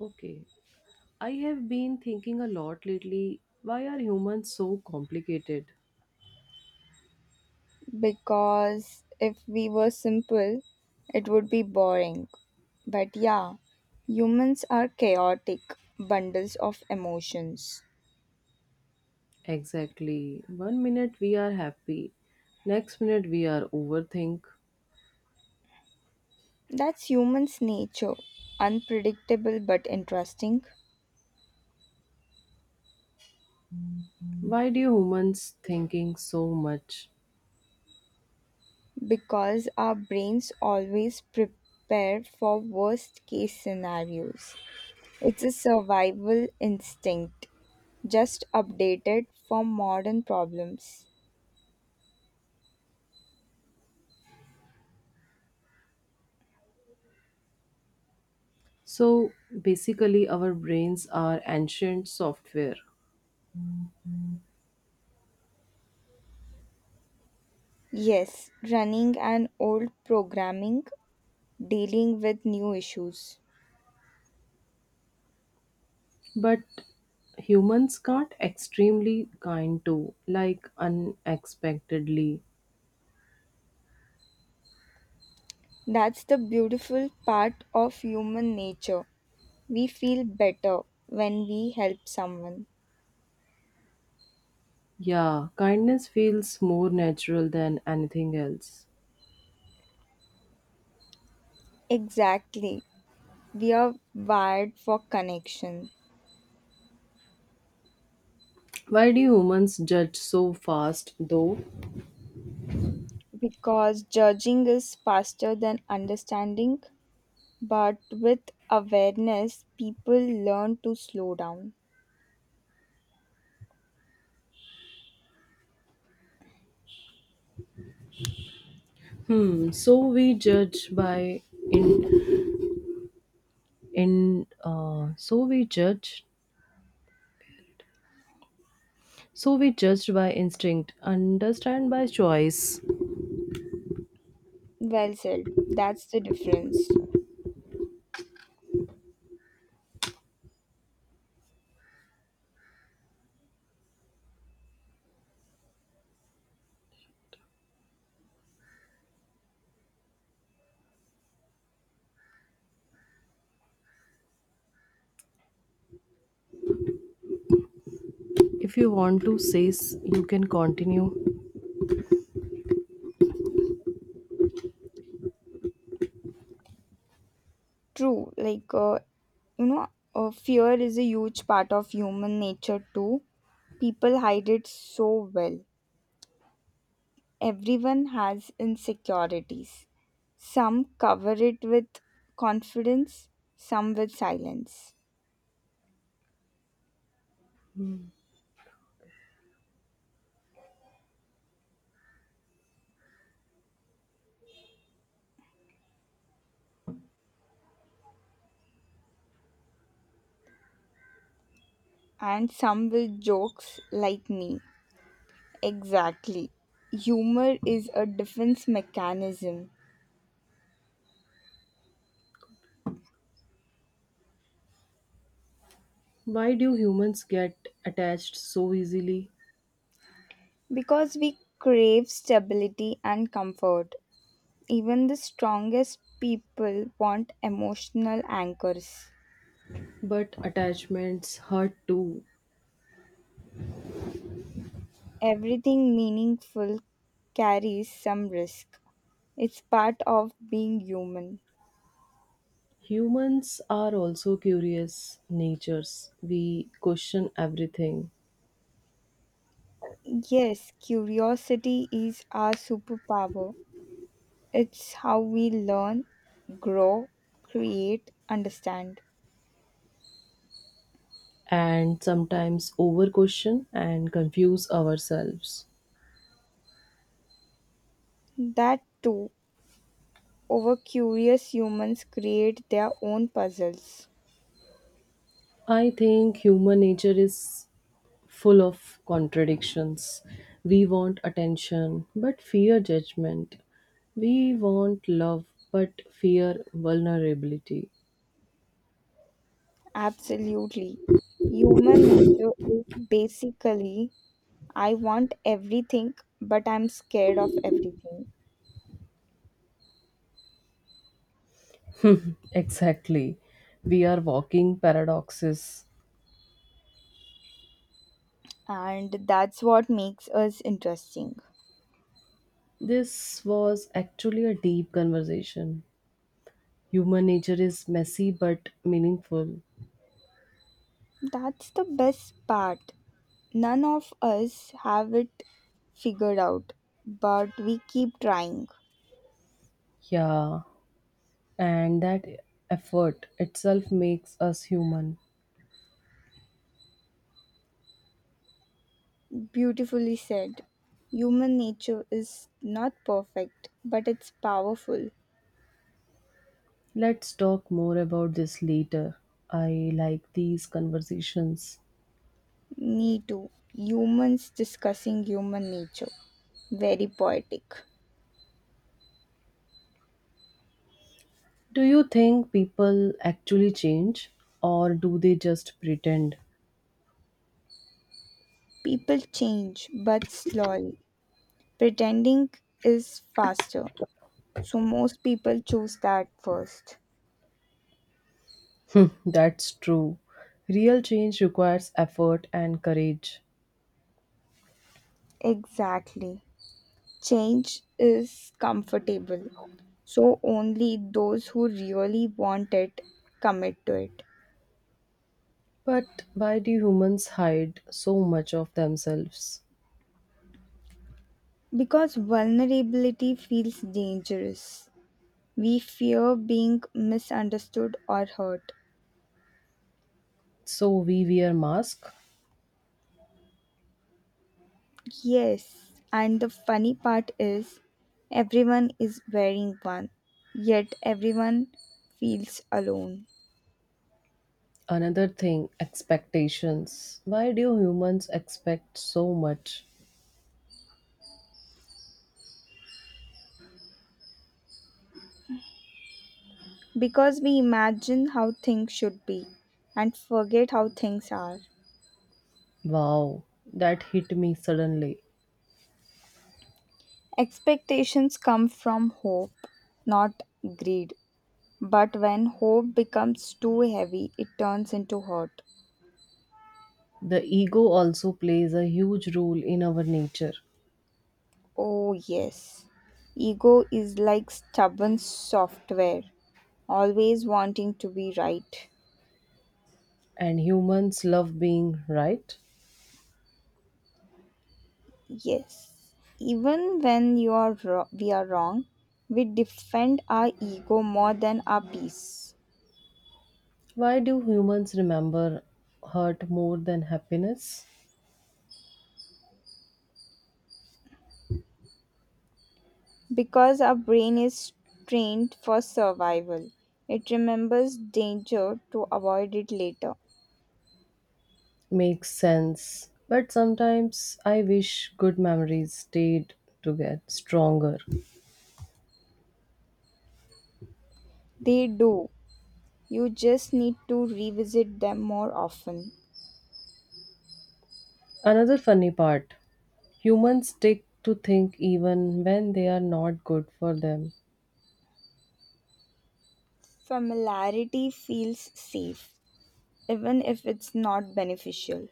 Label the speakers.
Speaker 1: Okay. I have been thinking a lot lately. Why are humans so complicated?
Speaker 2: Because if we were simple, it would be boring. But yeah, humans are chaotic bundles of emotions.
Speaker 1: Exactly. One minute we are happy, next minute we are overthink.
Speaker 2: That's humans' nature, unpredictable but interesting
Speaker 1: Why do humans thinking so much?
Speaker 2: because our brains always prepare for worst case scenarios. It's a survival instinct, just updated for modern problems.
Speaker 1: So basically our brains are ancient software.
Speaker 2: Yes, running an old programming dealing with new issues.
Speaker 1: But humans can't extremely kind too, like unexpectedly.
Speaker 2: That's the beautiful part of human nature. We feel better when we help someone.
Speaker 1: Yeah, kindness feels more natural than anything else.
Speaker 2: Exactly. We are wired for connection
Speaker 1: Why do humans judge so fast, though?
Speaker 2: because judging is faster than understanding, but with awareness, people learn to slow down.
Speaker 1: Hmm. So we judge by in in so we judge so we judged by instinct, understand by choice.
Speaker 2: Well said. That's the difference.
Speaker 1: If you want to say, you can continue.
Speaker 2: True. You know, fear is a huge part of human nature too. People hide it so well. Everyone has insecurities. Some cover it with confidence, some with silence, and some with jokes like me. Exactly. Humor is a defense mechanism
Speaker 1: Why do humans get attached so easily?
Speaker 2: because we crave stability and comfort. Even the strongest people want emotional anchors.
Speaker 1: But attachments hurt too.
Speaker 2: Everything meaningful carries some risk. It's part of being human.
Speaker 1: Humans are also curious natures. We question everything
Speaker 2: Yes, curiosity is our superpower. It's how we learn, grow, create, understand.
Speaker 1: and sometimes over question and confuse ourselves.
Speaker 2: That too, over curious humans create their own puzzles.
Speaker 1: I think human nature is full of contradictions. We want attention but fear judgment. We want love but fear vulnerability.
Speaker 2: Absolutely. Human nature is basically I want everything, but I'm scared of everything.
Speaker 1: Exactly. We are walking paradoxes.
Speaker 2: And that's what makes us interesting.
Speaker 1: This was actually a deep conversation. Human nature is messy but meaningful.
Speaker 2: That's the best part. None of us have it figured out, but we keep trying.
Speaker 1: Yeah. And that effort itself makes us human.
Speaker 2: Beautifully said. Human nature is not perfect, but it's powerful.
Speaker 1: Let's talk more about this later. I like these conversations.
Speaker 2: Me too. Humans discussing human nature. Very poetic.
Speaker 1: Do you think people actually change or do they just pretend?
Speaker 2: People change, but slowly. Pretending is faster, so most people choose that first.
Speaker 1: That's true. Real change requires effort and courage.
Speaker 2: Exactly. Change is comfortable, so only those who really want it commit to it.
Speaker 1: But why do humans hide so much of themselves?
Speaker 2: Because vulnerability feels dangerous. We fear being misunderstood or hurt.
Speaker 1: So we wear masks.
Speaker 2: Yes, and the funny part is everyone is wearing one, yet everyone feels alone.
Speaker 1: Another thing, expectations. Why do humans expect so much?
Speaker 2: Because we imagine how things should be and forget how things are.
Speaker 1: Wow, that hit me suddenly.
Speaker 2: Expectations come from hope, not greed. But when hope becomes too heavy, it turns into hurt.
Speaker 1: The ego also plays a huge role in our nature,
Speaker 2: Oh, yes. Ego is like stubborn software, always wanting to be right.
Speaker 1: and humans love being right.
Speaker 2: Yes. Even when we are wrong, we defend our ego more than our peace.
Speaker 1: Why do humans remember hurt more than happiness?
Speaker 2: Because our brain is trained for survival, it remembers danger to avoid it later.
Speaker 1: Makes sense, but sometimes I wish good memories stayed to get stronger.
Speaker 2: They do. You just need to revisit them more often.
Speaker 1: Another funny part humans stick to think even when they are not good for them.
Speaker 2: Familiarity feels safe, even if it's not beneficial.